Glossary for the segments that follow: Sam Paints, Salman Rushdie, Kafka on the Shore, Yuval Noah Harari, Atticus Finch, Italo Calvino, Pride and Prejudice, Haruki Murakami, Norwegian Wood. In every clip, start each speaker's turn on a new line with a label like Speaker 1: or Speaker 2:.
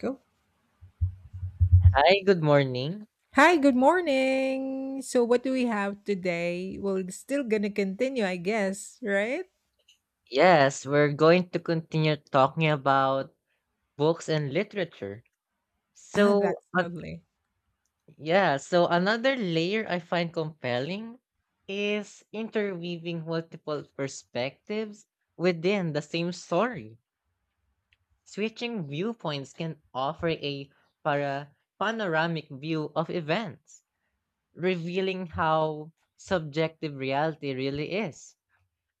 Speaker 1: Go.
Speaker 2: Hi, good morning.
Speaker 1: Hi, good morning. So, what do we have today? Well, it's still gonna continue, I guess, right?
Speaker 2: Yes, we're going to continue talking about books and literature.
Speaker 1: Ah,
Speaker 2: So,
Speaker 1: that's
Speaker 2: uh,
Speaker 1: lovely.
Speaker 2: yeah, so another layer I find compelling is interweaving multiple perspectives within the same story. Switching viewpoints can offer a para panoramic view of events, revealing how subjective reality really is.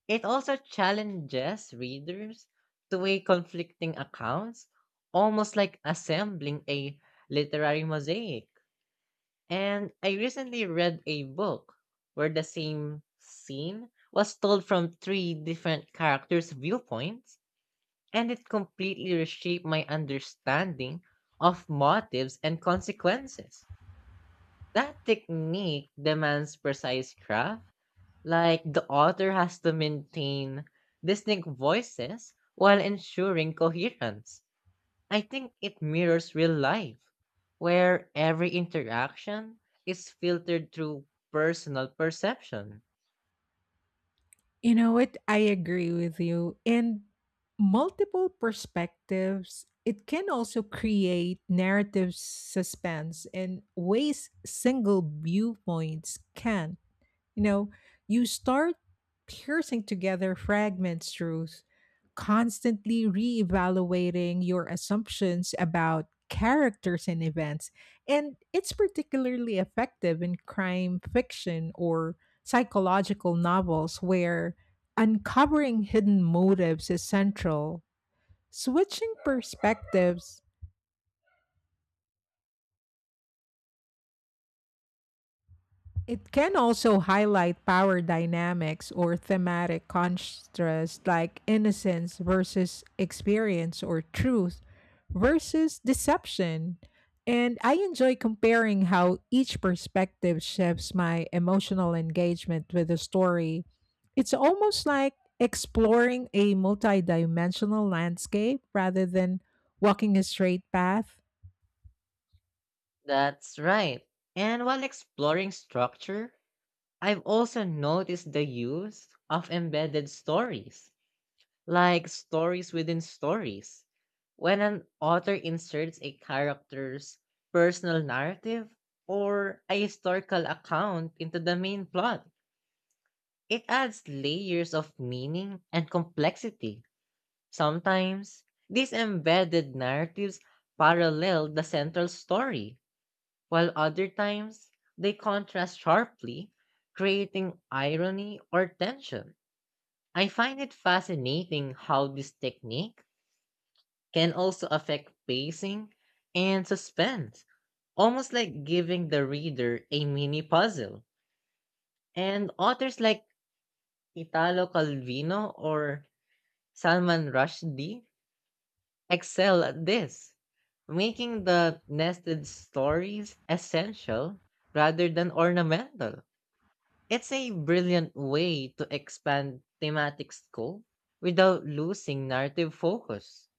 Speaker 2: It also challenges readers to weigh conflicting accounts, almost like assembling a literary mosaic. And I recently read a book where the same scene was told from three different characters' viewpoints, and it completely reshaped my understanding of motives and consequences. That technique demands precise craft like the author has to maintain distinct voices while ensuring coherence. I think it mirrors real life, where every interaction is filtered through personal perception.
Speaker 1: You know what? I agree with you. And multiple perspectives, it can also create narrative suspense in ways single viewpoints can. You know, you start piercing together fragments truth, constantly reevaluating your assumptions about characters and events. And it's particularly effective in crime fiction or psychological novels where uncovering hidden motives is central. Switching perspectives, it can also highlight power dynamics or thematic contrasts like innocence versus experience or truth versus deception. And I enjoy comparing how each perspective shapes my emotional engagement with the story. It's almost like exploring a multidimensional landscape rather than walking a straight path.
Speaker 2: That's right. And while exploring structure, I've also noticed the use of embedded stories like stories within stories. When an author inserts a character's personal narrative or a historical account into the main plot, it adds layers of meaning and complexity. Sometimes, these embedded narratives parallel the central story, while other times, they contrast sharply, creating irony or tension. I find it fascinating how this technique can also affect pacing and suspense, almost like giving the reader a mini puzzle. And authors like Italo Calvino or Salman Rushdie excel at this, making the nested stories essential rather than ornamental. It's a brilliant way to expand thematic scope without losing narrative focus.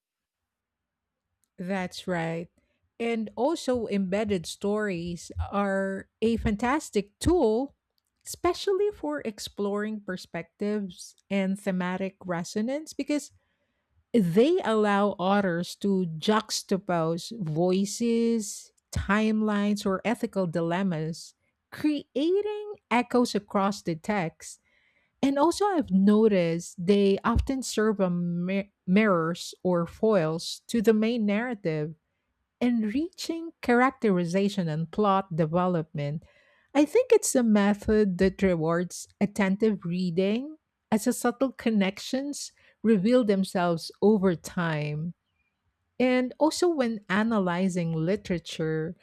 Speaker 1: That's right. And also, embedded stories are a fantastic tool, especially for exploring perspectives and thematic resonance, because they allow authors to juxtapose voices, timelines, or ethical dilemmas, creating echoes across the text. And also, I've noticed they often serve as mirrors or foils to the main narrative, enriching characterization and plot development. I think it's a method that rewards attentive reading as the subtle connections reveal themselves over time. And also, when analyzing literature,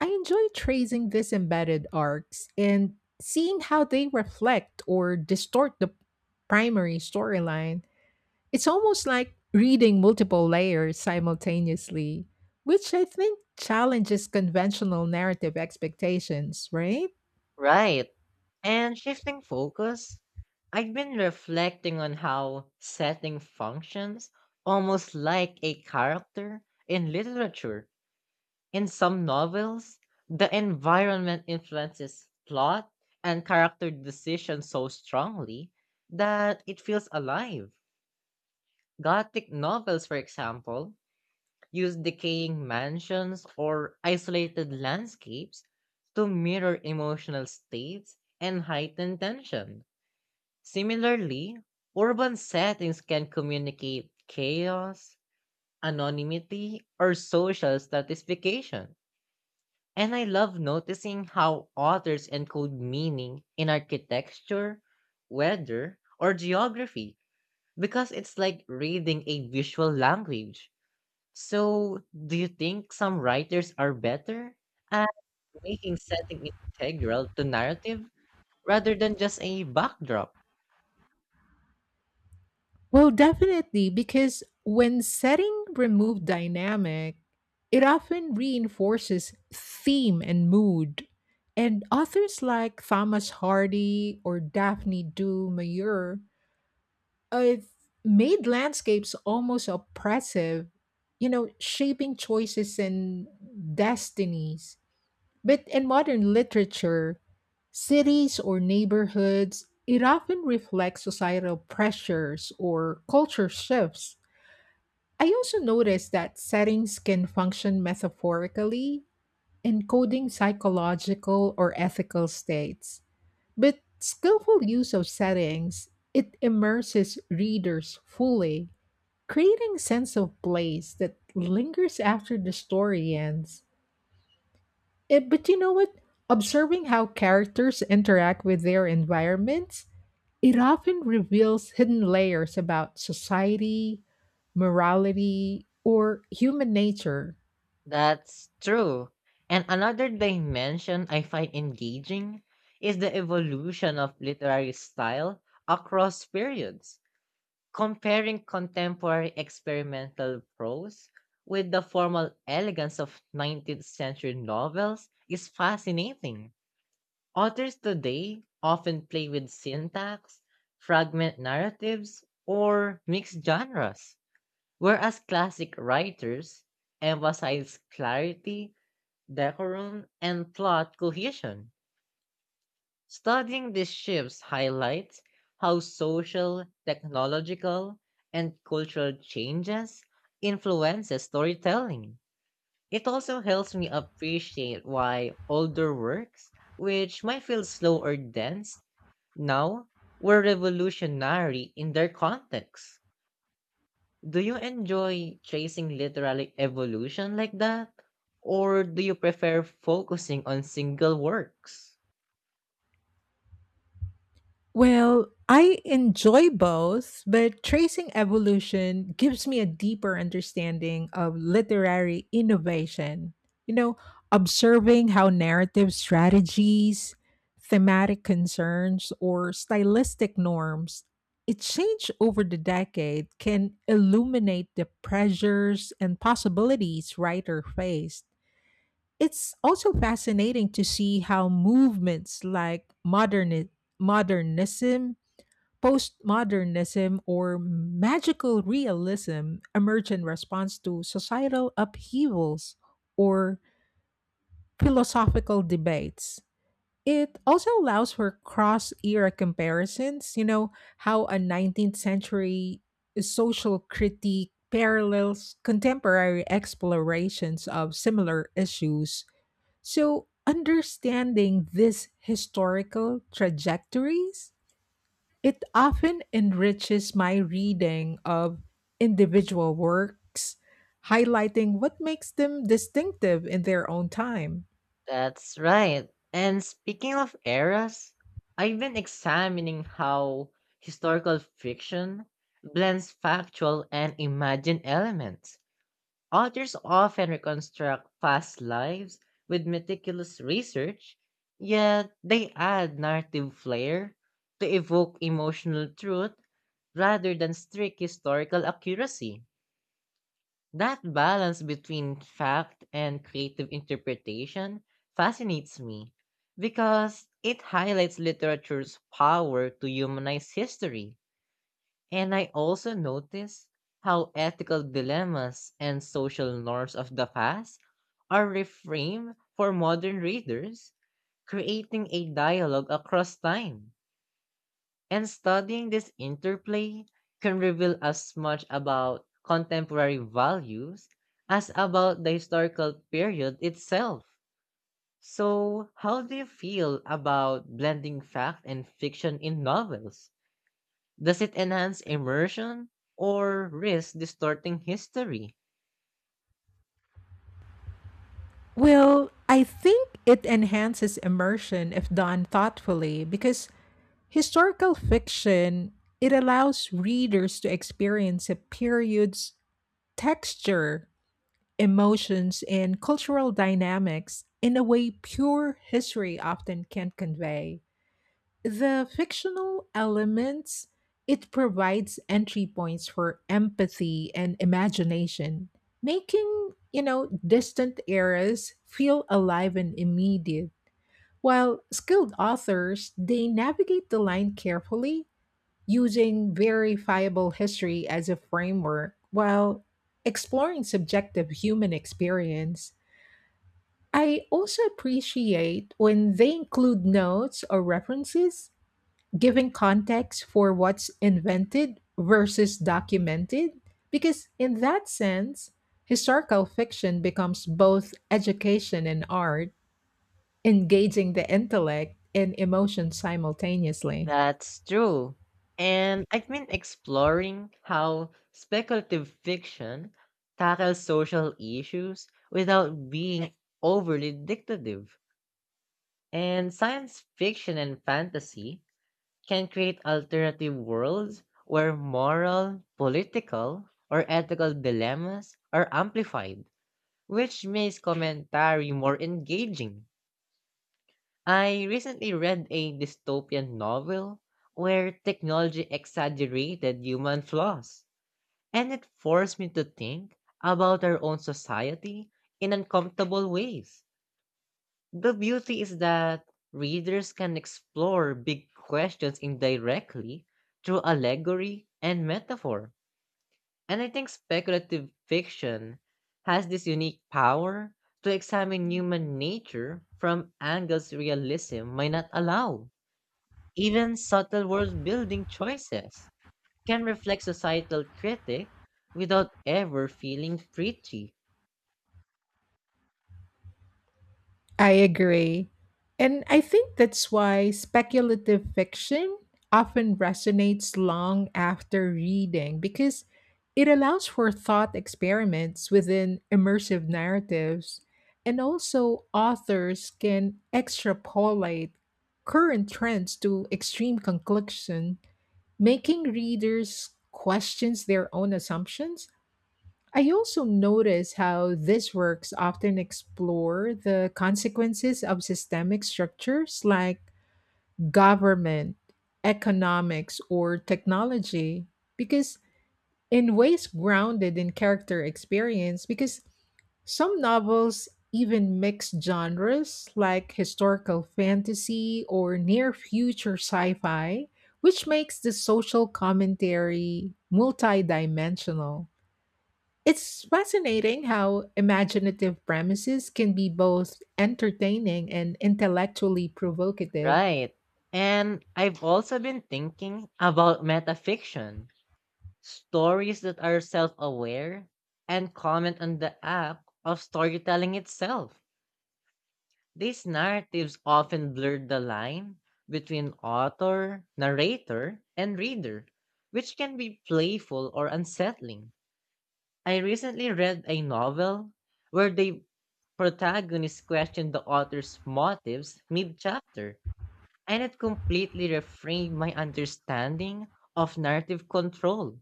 Speaker 1: I enjoy tracing these embedded arcs and seeing how they reflect or distort the primary storyline. It's almost like reading multiple layers simultaneously, which I think challenges conventional narrative expectations, right?
Speaker 2: Right. And shifting focus, I've been reflecting on how setting functions almost like a character in literature. In some novels, the environment influences plot and character decisions so strongly that it feels alive. Gothic novels, for example, use decaying mansions or isolated landscapes to mirror emotional states and heighten tension. Similarly, urban settings can communicate chaos, anonymity, or social stratification. And I love noticing how authors encode meaning in architecture, weather, or geography because it's like reading a visual language. So, do you think some writers are better at making setting integral to narrative rather than just a backdrop?
Speaker 1: Well, definitely, because when setting remove dynamic, it often reinforces theme and mood. And authors like Thomas Hardy or Daphne du Maurier I've made landscapes almost oppressive, you know, shaping choices and destinies. But in modern literature, cities or neighborhoods, it often reflects societal pressures or culture shifts. I also noticed that settings can function metaphorically, encoding psychological or ethical states. But skillful use of settings, it immerses readers fully, creating a sense of place that lingers after the story ends. But you know what? Observing how characters interact with their environments, it often reveals hidden layers about society, morality, or human nature.
Speaker 2: That's true. And another dimension I find engaging is the evolution of literary style across periods. Comparing contemporary experimental prose with the formal elegance of 19th century novels is fascinating. Authors today often play with syntax, fragment narratives, or mixed genres, whereas classic writers emphasize clarity, decorum, and plot cohesion. Studying these shifts highlights how social, technological, and cultural changes influences storytelling. It also helps me appreciate why older works, which might feel slow or dense, now were revolutionary in their context. Do you enjoy tracing literary evolution like that? Or do you prefer focusing on single works?
Speaker 1: Well, I enjoy both, but tracing evolution gives me a deeper understanding of literary innovation. You know, observing how narrative strategies, thematic concerns, or stylistic norms it change over the decade can illuminate the pressures and possibilities writer faced. It's also fascinating to see how movements like modernism, postmodernism, or magical realism emerge in response to societal upheavals or philosophical debates. It also allows for cross era comparisons, you know, how a 19th century social critique parallels contemporary explorations of similar issues. So, understanding these historical trajectories, it often enriches my reading of individual works, highlighting what makes them distinctive in their own time.
Speaker 2: That's right. And speaking of eras, I've been examining how historical fiction blends factual and imagined elements. Authors often reconstruct past lives with meticulous research, yet they add narrative flair to evoke emotional truth rather than strict historical accuracy. That balance between fact and creative interpretation fascinates me because it highlights literature's power to humanize history. And I also notice how ethical dilemmas and social norms of the past are reframed for modern readers, creating a dialogue across time. And studying this interplay can reveal as much about contemporary values as about the historical period itself. So, how do you feel about blending fact and fiction in novels? Does it enhance immersion or risk distorting history?
Speaker 1: Well, I think it enhances immersion if done thoughtfully, because historical fiction it allows readers to experience a period's texture, emotions, and cultural dynamics in a way pure history often can't convey. The fictional elements, it provides entry points for empathy and imagination, making, you know, distant eras feel alive and immediate. While skilled authors, they navigate the line carefully, using verifiable history as a framework while exploring subjective human experience. I also appreciate when they include notes or references, giving context for what's invented versus documented, because in that sense, historical fiction becomes both education and art, engaging the intellect and emotion simultaneously.
Speaker 2: That's true. And I've been exploring how speculative fiction tackles social issues without being overly dictative. And science fiction and fantasy can create alternative worlds where moral, political, or ethical dilemmas are amplified, which makes commentary more engaging. I recently read a dystopian novel where technology exaggerated human flaws, and it forced me to think about our own society in uncomfortable ways. The beauty is that readers can explore big questions indirectly through allegory and metaphor. And I think speculative fiction has this unique power to examine human nature from angles realism might not allow. Even subtle world building choices can reflect societal critique without ever feeling preachy.
Speaker 1: I agree. And I think that's why speculative fiction often resonates long after reading, because it allows for thought experiments within immersive narratives. And also, authors can extrapolate current trends to extreme conclusion, making readers questions their own assumptions. I also notice how these works often explore the consequences of systemic structures like government, economics, or technology, because in ways grounded in character experience, because some novels even mix genres like historical fantasy or near future sci fi, which makes the social commentary multidimensional. It's fascinating how imaginative premises can be both entertaining and intellectually provocative.
Speaker 2: Right. And I've also been thinking about metafiction, stories that are self aware and comment on the act of storytelling itself. These narratives often blur the line between author, narrator, and reader, which can be playful or unsettling. I recently read a novel where the protagonist questioned the author's motives mid chapter, and it completely reframed my understanding of narrative control.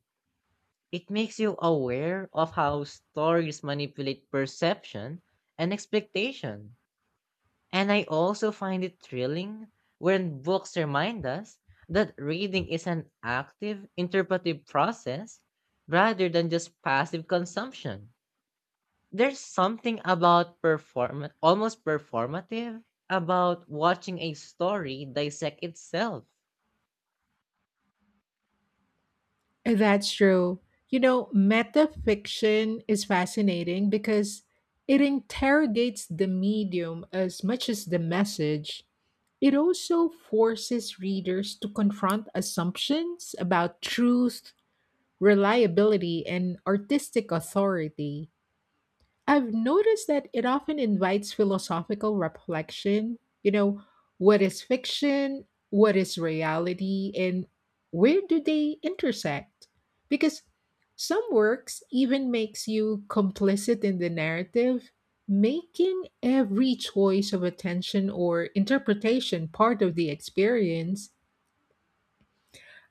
Speaker 2: It makes you aware of how stories manipulate perception and expectation. And I also find it thrilling when books remind us that reading is an active, interpretive process rather than just passive consumption. There's something about perform almost performative about watching a story dissect itself.
Speaker 1: That's true. You know, metafiction is fascinating because it interrogates the medium as much as the message. It also forces readers to confront assumptions about truth, reliability, and artistic authority. I've noticed that it often invites philosophical reflection. You know, what is fiction? What is reality? And where do they intersect? Because some works even makes you complicit in the narrative, making every choice of attention or interpretation part of the experience.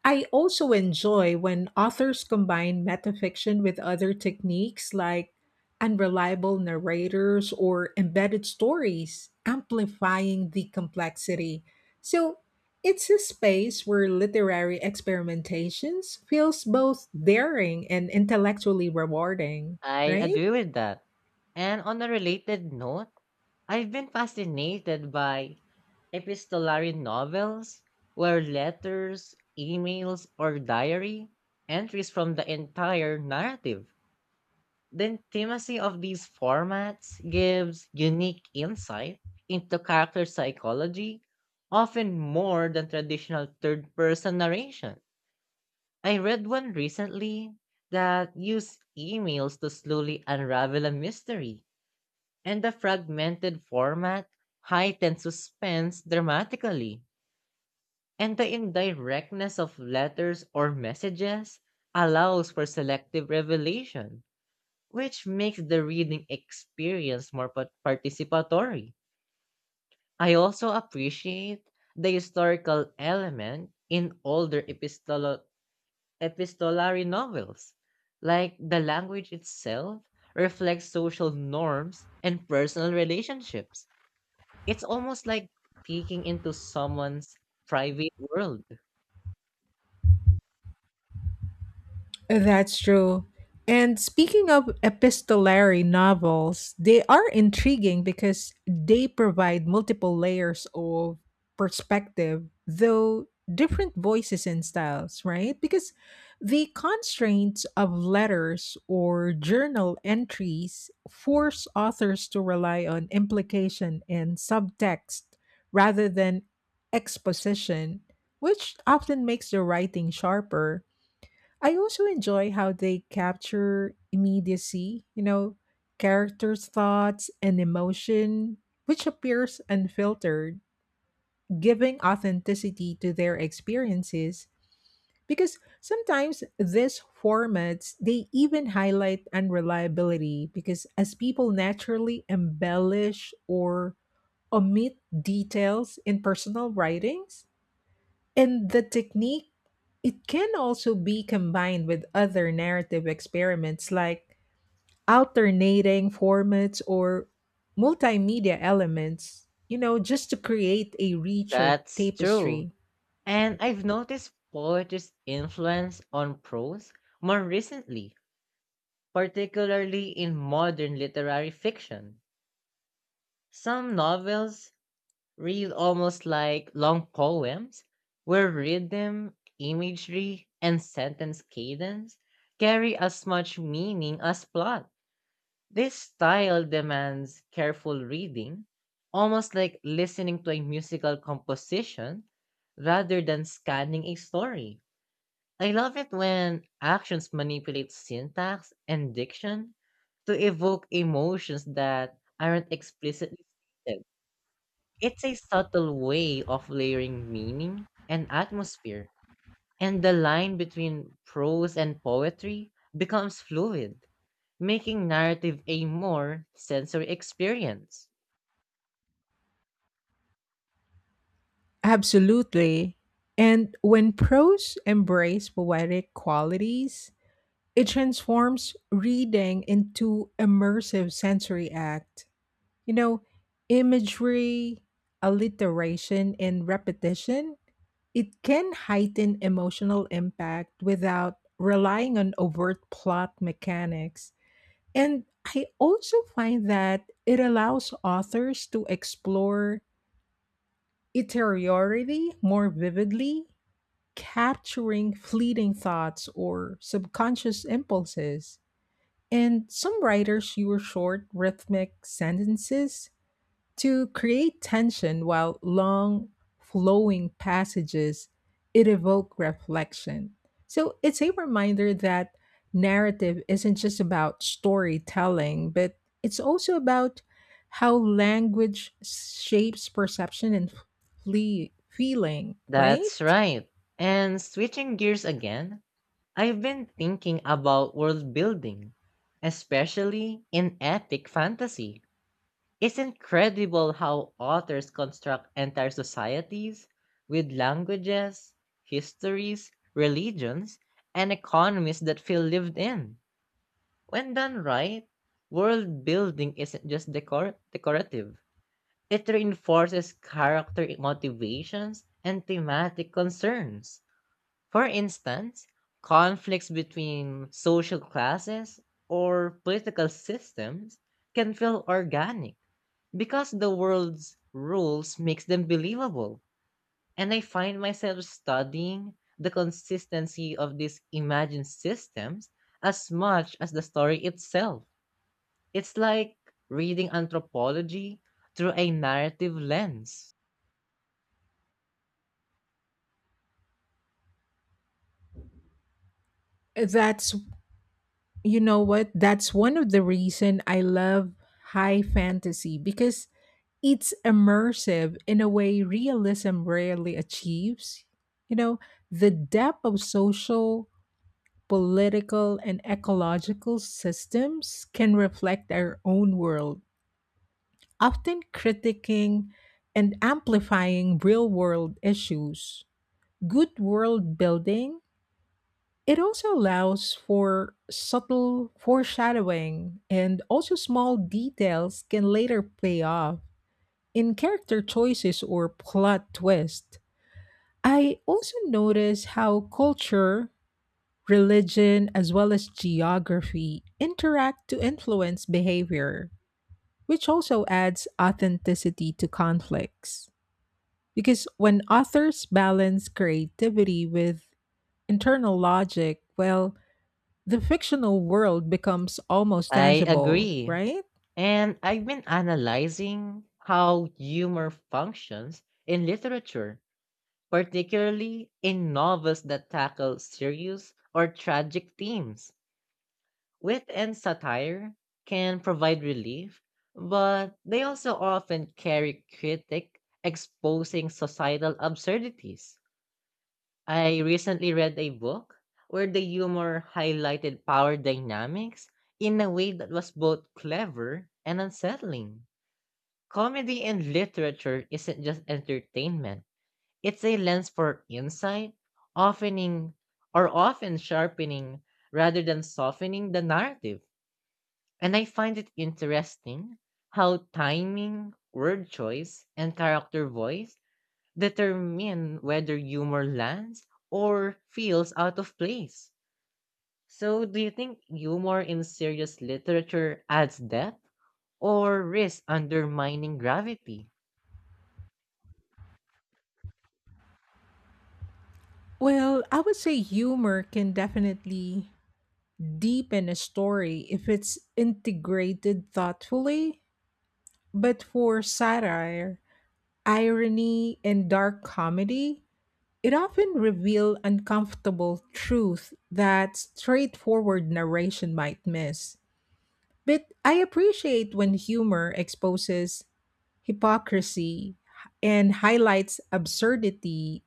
Speaker 1: I also enjoy when authors combine metafiction with other techniques like unreliable narrators or embedded stories, amplifying the complexity. So it's a space where literary experimentations feels both daring and intellectually rewarding,
Speaker 2: I
Speaker 1: right?
Speaker 2: agree with that. And on a related note, I've been fascinated by epistolary novels where letters, emails, or diary entries from the entire narrative. The intimacy of these formats gives unique insight into character psychology, often more than traditional third person narration. I read one recently that used emails to slowly unravel a mystery, and the fragmented format heightened suspense dramatically. And the indirectness of letters or messages allows for selective revelation which makes the reading experience more participatory. I also appreciate the historical element in older epistolary novels, like the language itself reflects social norms and personal relationships. It's almost like peeking into someone's private world.
Speaker 1: That's true. And speaking of epistolary novels, they are intriguing because they provide multiple layers of perspective, though different voices and styles, right? Because the constraints of letters or journal entries force authors to rely on implication and subtext rather than exposition, which often makes the writing sharper. I also enjoy how they capture immediacy, you know, characters' thoughts and emotion, which appears unfiltered, giving authenticity to their experiences. Because sometimes these formats, they even highlight unreliability because as people naturally embellish or omit details in personal writings, and the technique, it can also be combined with other narrative experiments like alternating formats or multimedia elements, you know, just to create a richer
Speaker 2: That's true.
Speaker 1: tapestry.
Speaker 2: And I've noticed poetry's influence on prose more recently particularly in modern literary fiction. Some novels read almost like long poems, where rhythm, imagery, and sentence cadence carry as much meaning as plot. This style demands careful reading, almost like listening to a musical composition rather than scanning a story. I love it when actions manipulate syntax and diction to evoke emotions that aren't explicitly stated. It's a subtle way of layering meaning and atmosphere, and the line between prose and poetry becomes fluid, making narrative a more sensory experience.
Speaker 1: Absolutely. And when prose embrace poetic qualities, it transforms reading into immersive sensory act. You know, imagery, alliteration, and repetition, it can heighten emotional impact without relying on overt plot mechanics. And I also find that it allows authors to explore interiority more vividly, capturing fleeting thoughts or subconscious impulses. And some writers use short rhythmic sentences to create tension while long flowing passages it evoke reflection. So it's a reminder that narrative isn't just about storytelling, but it's also about how language shapes perception and feeling,
Speaker 2: That's
Speaker 1: right?
Speaker 2: right. And switching gears again, I've been thinking about world building, especially in epic fantasy. It's incredible how authors construct entire societies with languages, histories, religions, and economies that feel lived in. When done right, world building isn't just decorative, it reinforces character motivations and thematic concerns. For instance, conflicts between social classes or political systems can feel organic because the world's rules makes them believable. And I find myself studying the consistency of these imagined systems as much as the story itself. It's like reading anthropology through a narrative lens.
Speaker 1: That's You know what? That's one of the reason I love high fantasy because it's immersive in a way realism rarely achieves. You know, the depth of social, political, and ecological systems can reflect our own world, often critiquing and amplifying real world issues. Good world building, it also allows for subtle foreshadowing, and also small details can later pay off in character choices or plot twist. I also notice how culture, religion, as well as geography interact to influence behavior, which also adds authenticity to conflicts. Because when authors balance creativity with internal logic, well, the fictional world becomes almost
Speaker 2: I
Speaker 1: tangible,
Speaker 2: agree.
Speaker 1: right?
Speaker 2: And I've been analyzing how humor functions in literature, particularly in novels that tackle serious or tragic themes. Wit and satire can provide relief, but they also often carry critique exposing societal absurdities. I recently read a book where the humor highlighted power dynamics in a way that was both clever and unsettling. Comedy in literature isn't just entertainment. It's a lens for insight, oftening often sharpening rather than softening the narrative. And I find it interesting how timing, word choice, and character voice determine whether humor lands or feels out of place. So, do you think humor in serious literature adds depth or risks undermining gravity?
Speaker 1: Well, I would say humor can definitely deepen a story if it's integrated thoughtfully. But for satire, irony, and dark comedy, it often reveal uncomfortable truth that straightforward narration might miss. But I appreciate when humor exposes hypocrisy and highlights absurdity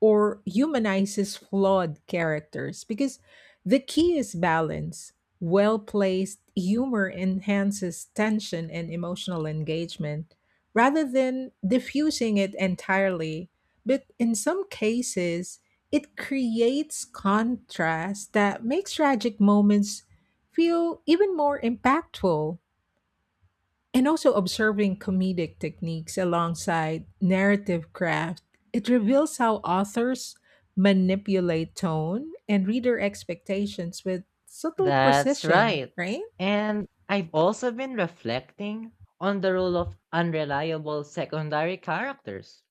Speaker 1: or humanizes flawed characters because the key is balance. Well placed humor enhances tension and emotional engagement rather than diffusing it entirely. But in some cases, it creates contrast that makes tragic moments feel even more impactful. And also observing comedic techniques alongside narrative craft, it reveals how authors manipulate tone and reader expectations with subtle
Speaker 2: That's
Speaker 1: precision,
Speaker 2: right.
Speaker 1: right?
Speaker 2: And I've also been reflecting on the role of unreliable secondary characters.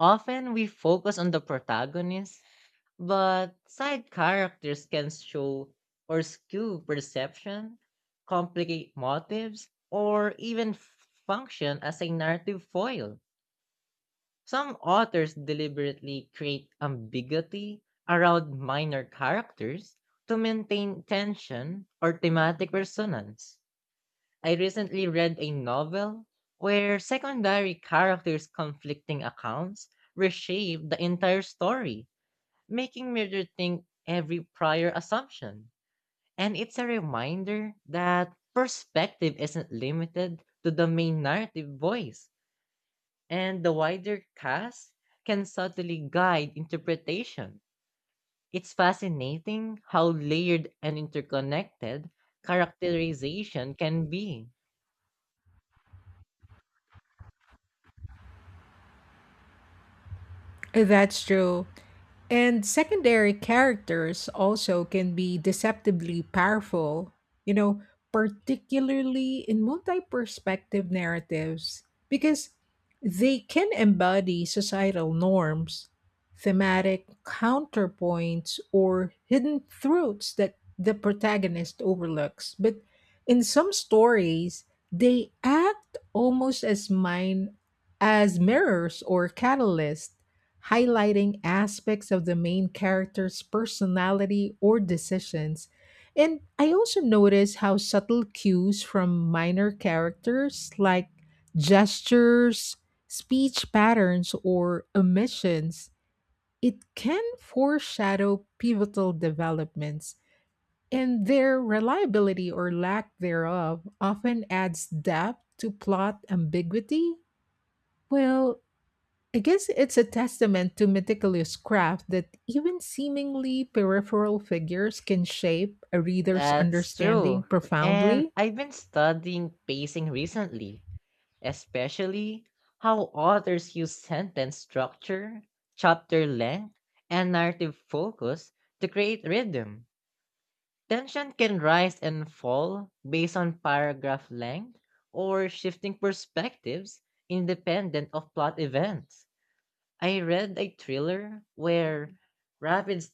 Speaker 2: Often we focus on the protagonist, but side characters can show or skew perception, complicate motives, or even function as a narrative foil. Some authors deliberately create ambiguity around minor characters to maintain tension or thematic resonance. I recently read a novel where secondary characters' conflicting accounts reshape the entire story, making me rethink every prior assumption. And it's a reminder that perspective isn't limited to the main narrative voice and the wider cast can subtly guide interpretation. It's fascinating how layered and interconnected characterization can be.
Speaker 1: That's true. And secondary characters also can be deceptively powerful, you know, particularly in multi perspective narratives, because they can embody societal norms, thematic counterpoints, or hidden truths that the protagonist overlooks. But in some stories, they act almost as mirrors or catalysts, highlighting aspects of the main character's personality or decisions. And I also notice how subtle cues from minor characters like gestures, speech patterns, or omissions, it can foreshadow pivotal developments. And their reliability or lack thereof often adds depth to plot ambiguity. Well, I guess it's a testament to meticulous craft that even seemingly peripheral figures can shape a reader's
Speaker 2: That's
Speaker 1: understanding
Speaker 2: true. And
Speaker 1: profoundly.
Speaker 2: I've been studying pacing recently, especially how authors use sentence structure, chapter length, and narrative focus to create rhythm. Tension can rise and fall based on paragraph length or shifting perspectives independent of plot events. I read a thriller where rapid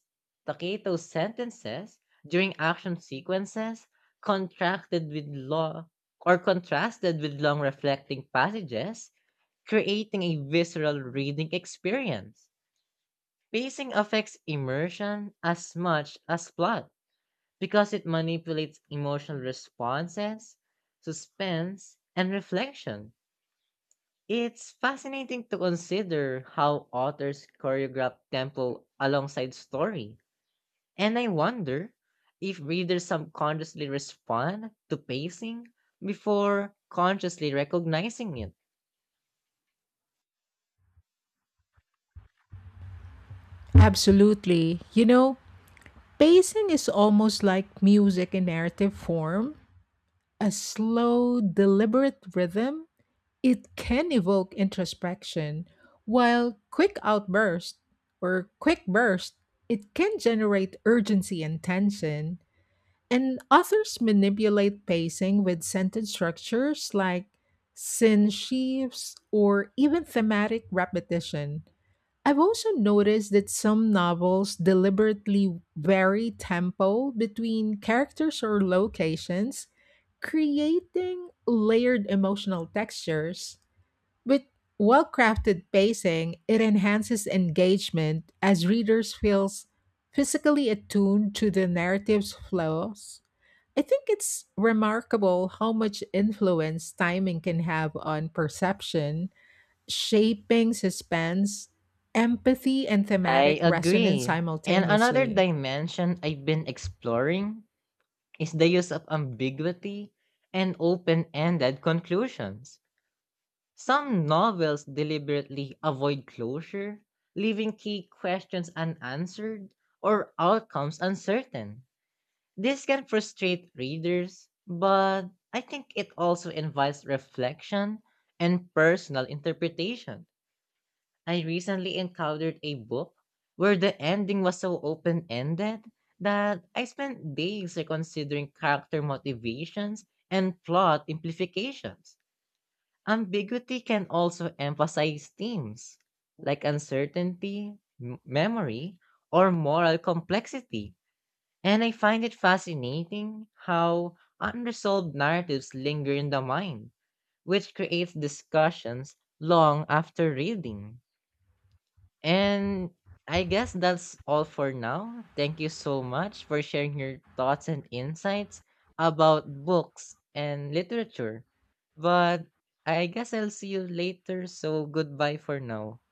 Speaker 2: staccato sentences during action sequences contracted with law or contrasted with long reflecting passages, creating a visceral reading experience. Pacing affects immersion as much as plot because it manipulates emotional responses, suspense, and reflection. It's fascinating to consider how authors choreograph tempo alongside story. And I wonder if readers subconsciously respond to pacing before consciously recognizing it.
Speaker 1: Absolutely. You know, pacing is almost like music in narrative form, a slow, deliberate rhythm. It can evoke introspection, while quick outburst or quick burst, it can generate urgency and tension. And authors manipulate pacing with sentence structures like sin sheaves or even thematic repetition. I've also noticed that some novels deliberately vary tempo between characters or locations, creating layered emotional textures. With well crafted pacing, it enhances engagement as readers feels physically attuned to the narrative's flows. I think it's remarkable how much influence timing can have on perception, shaping suspense, empathy, and
Speaker 2: I
Speaker 1: thematic resonance
Speaker 2: agree. And another
Speaker 1: simultaneously.
Speaker 2: dimension I've been exploring is the use of ambiguity and open ended conclusions. Some novels deliberately avoid closure, leaving key questions unanswered or outcomes uncertain. This can frustrate readers, but I think it also invites reflection and personal interpretation. I recently encountered a book where the ending was so open ended that I spent days reconsidering character motivations and plot implications. Ambiguity can also emphasize themes like uncertainty, memory, or moral complexity. And I find it fascinating how unresolved narratives linger in the mind, which creates discussions long after reading. And I guess that's all for now. Thank you so much for sharing your thoughts and insights about books and literature. But I guess I'll see you later, so goodbye for now.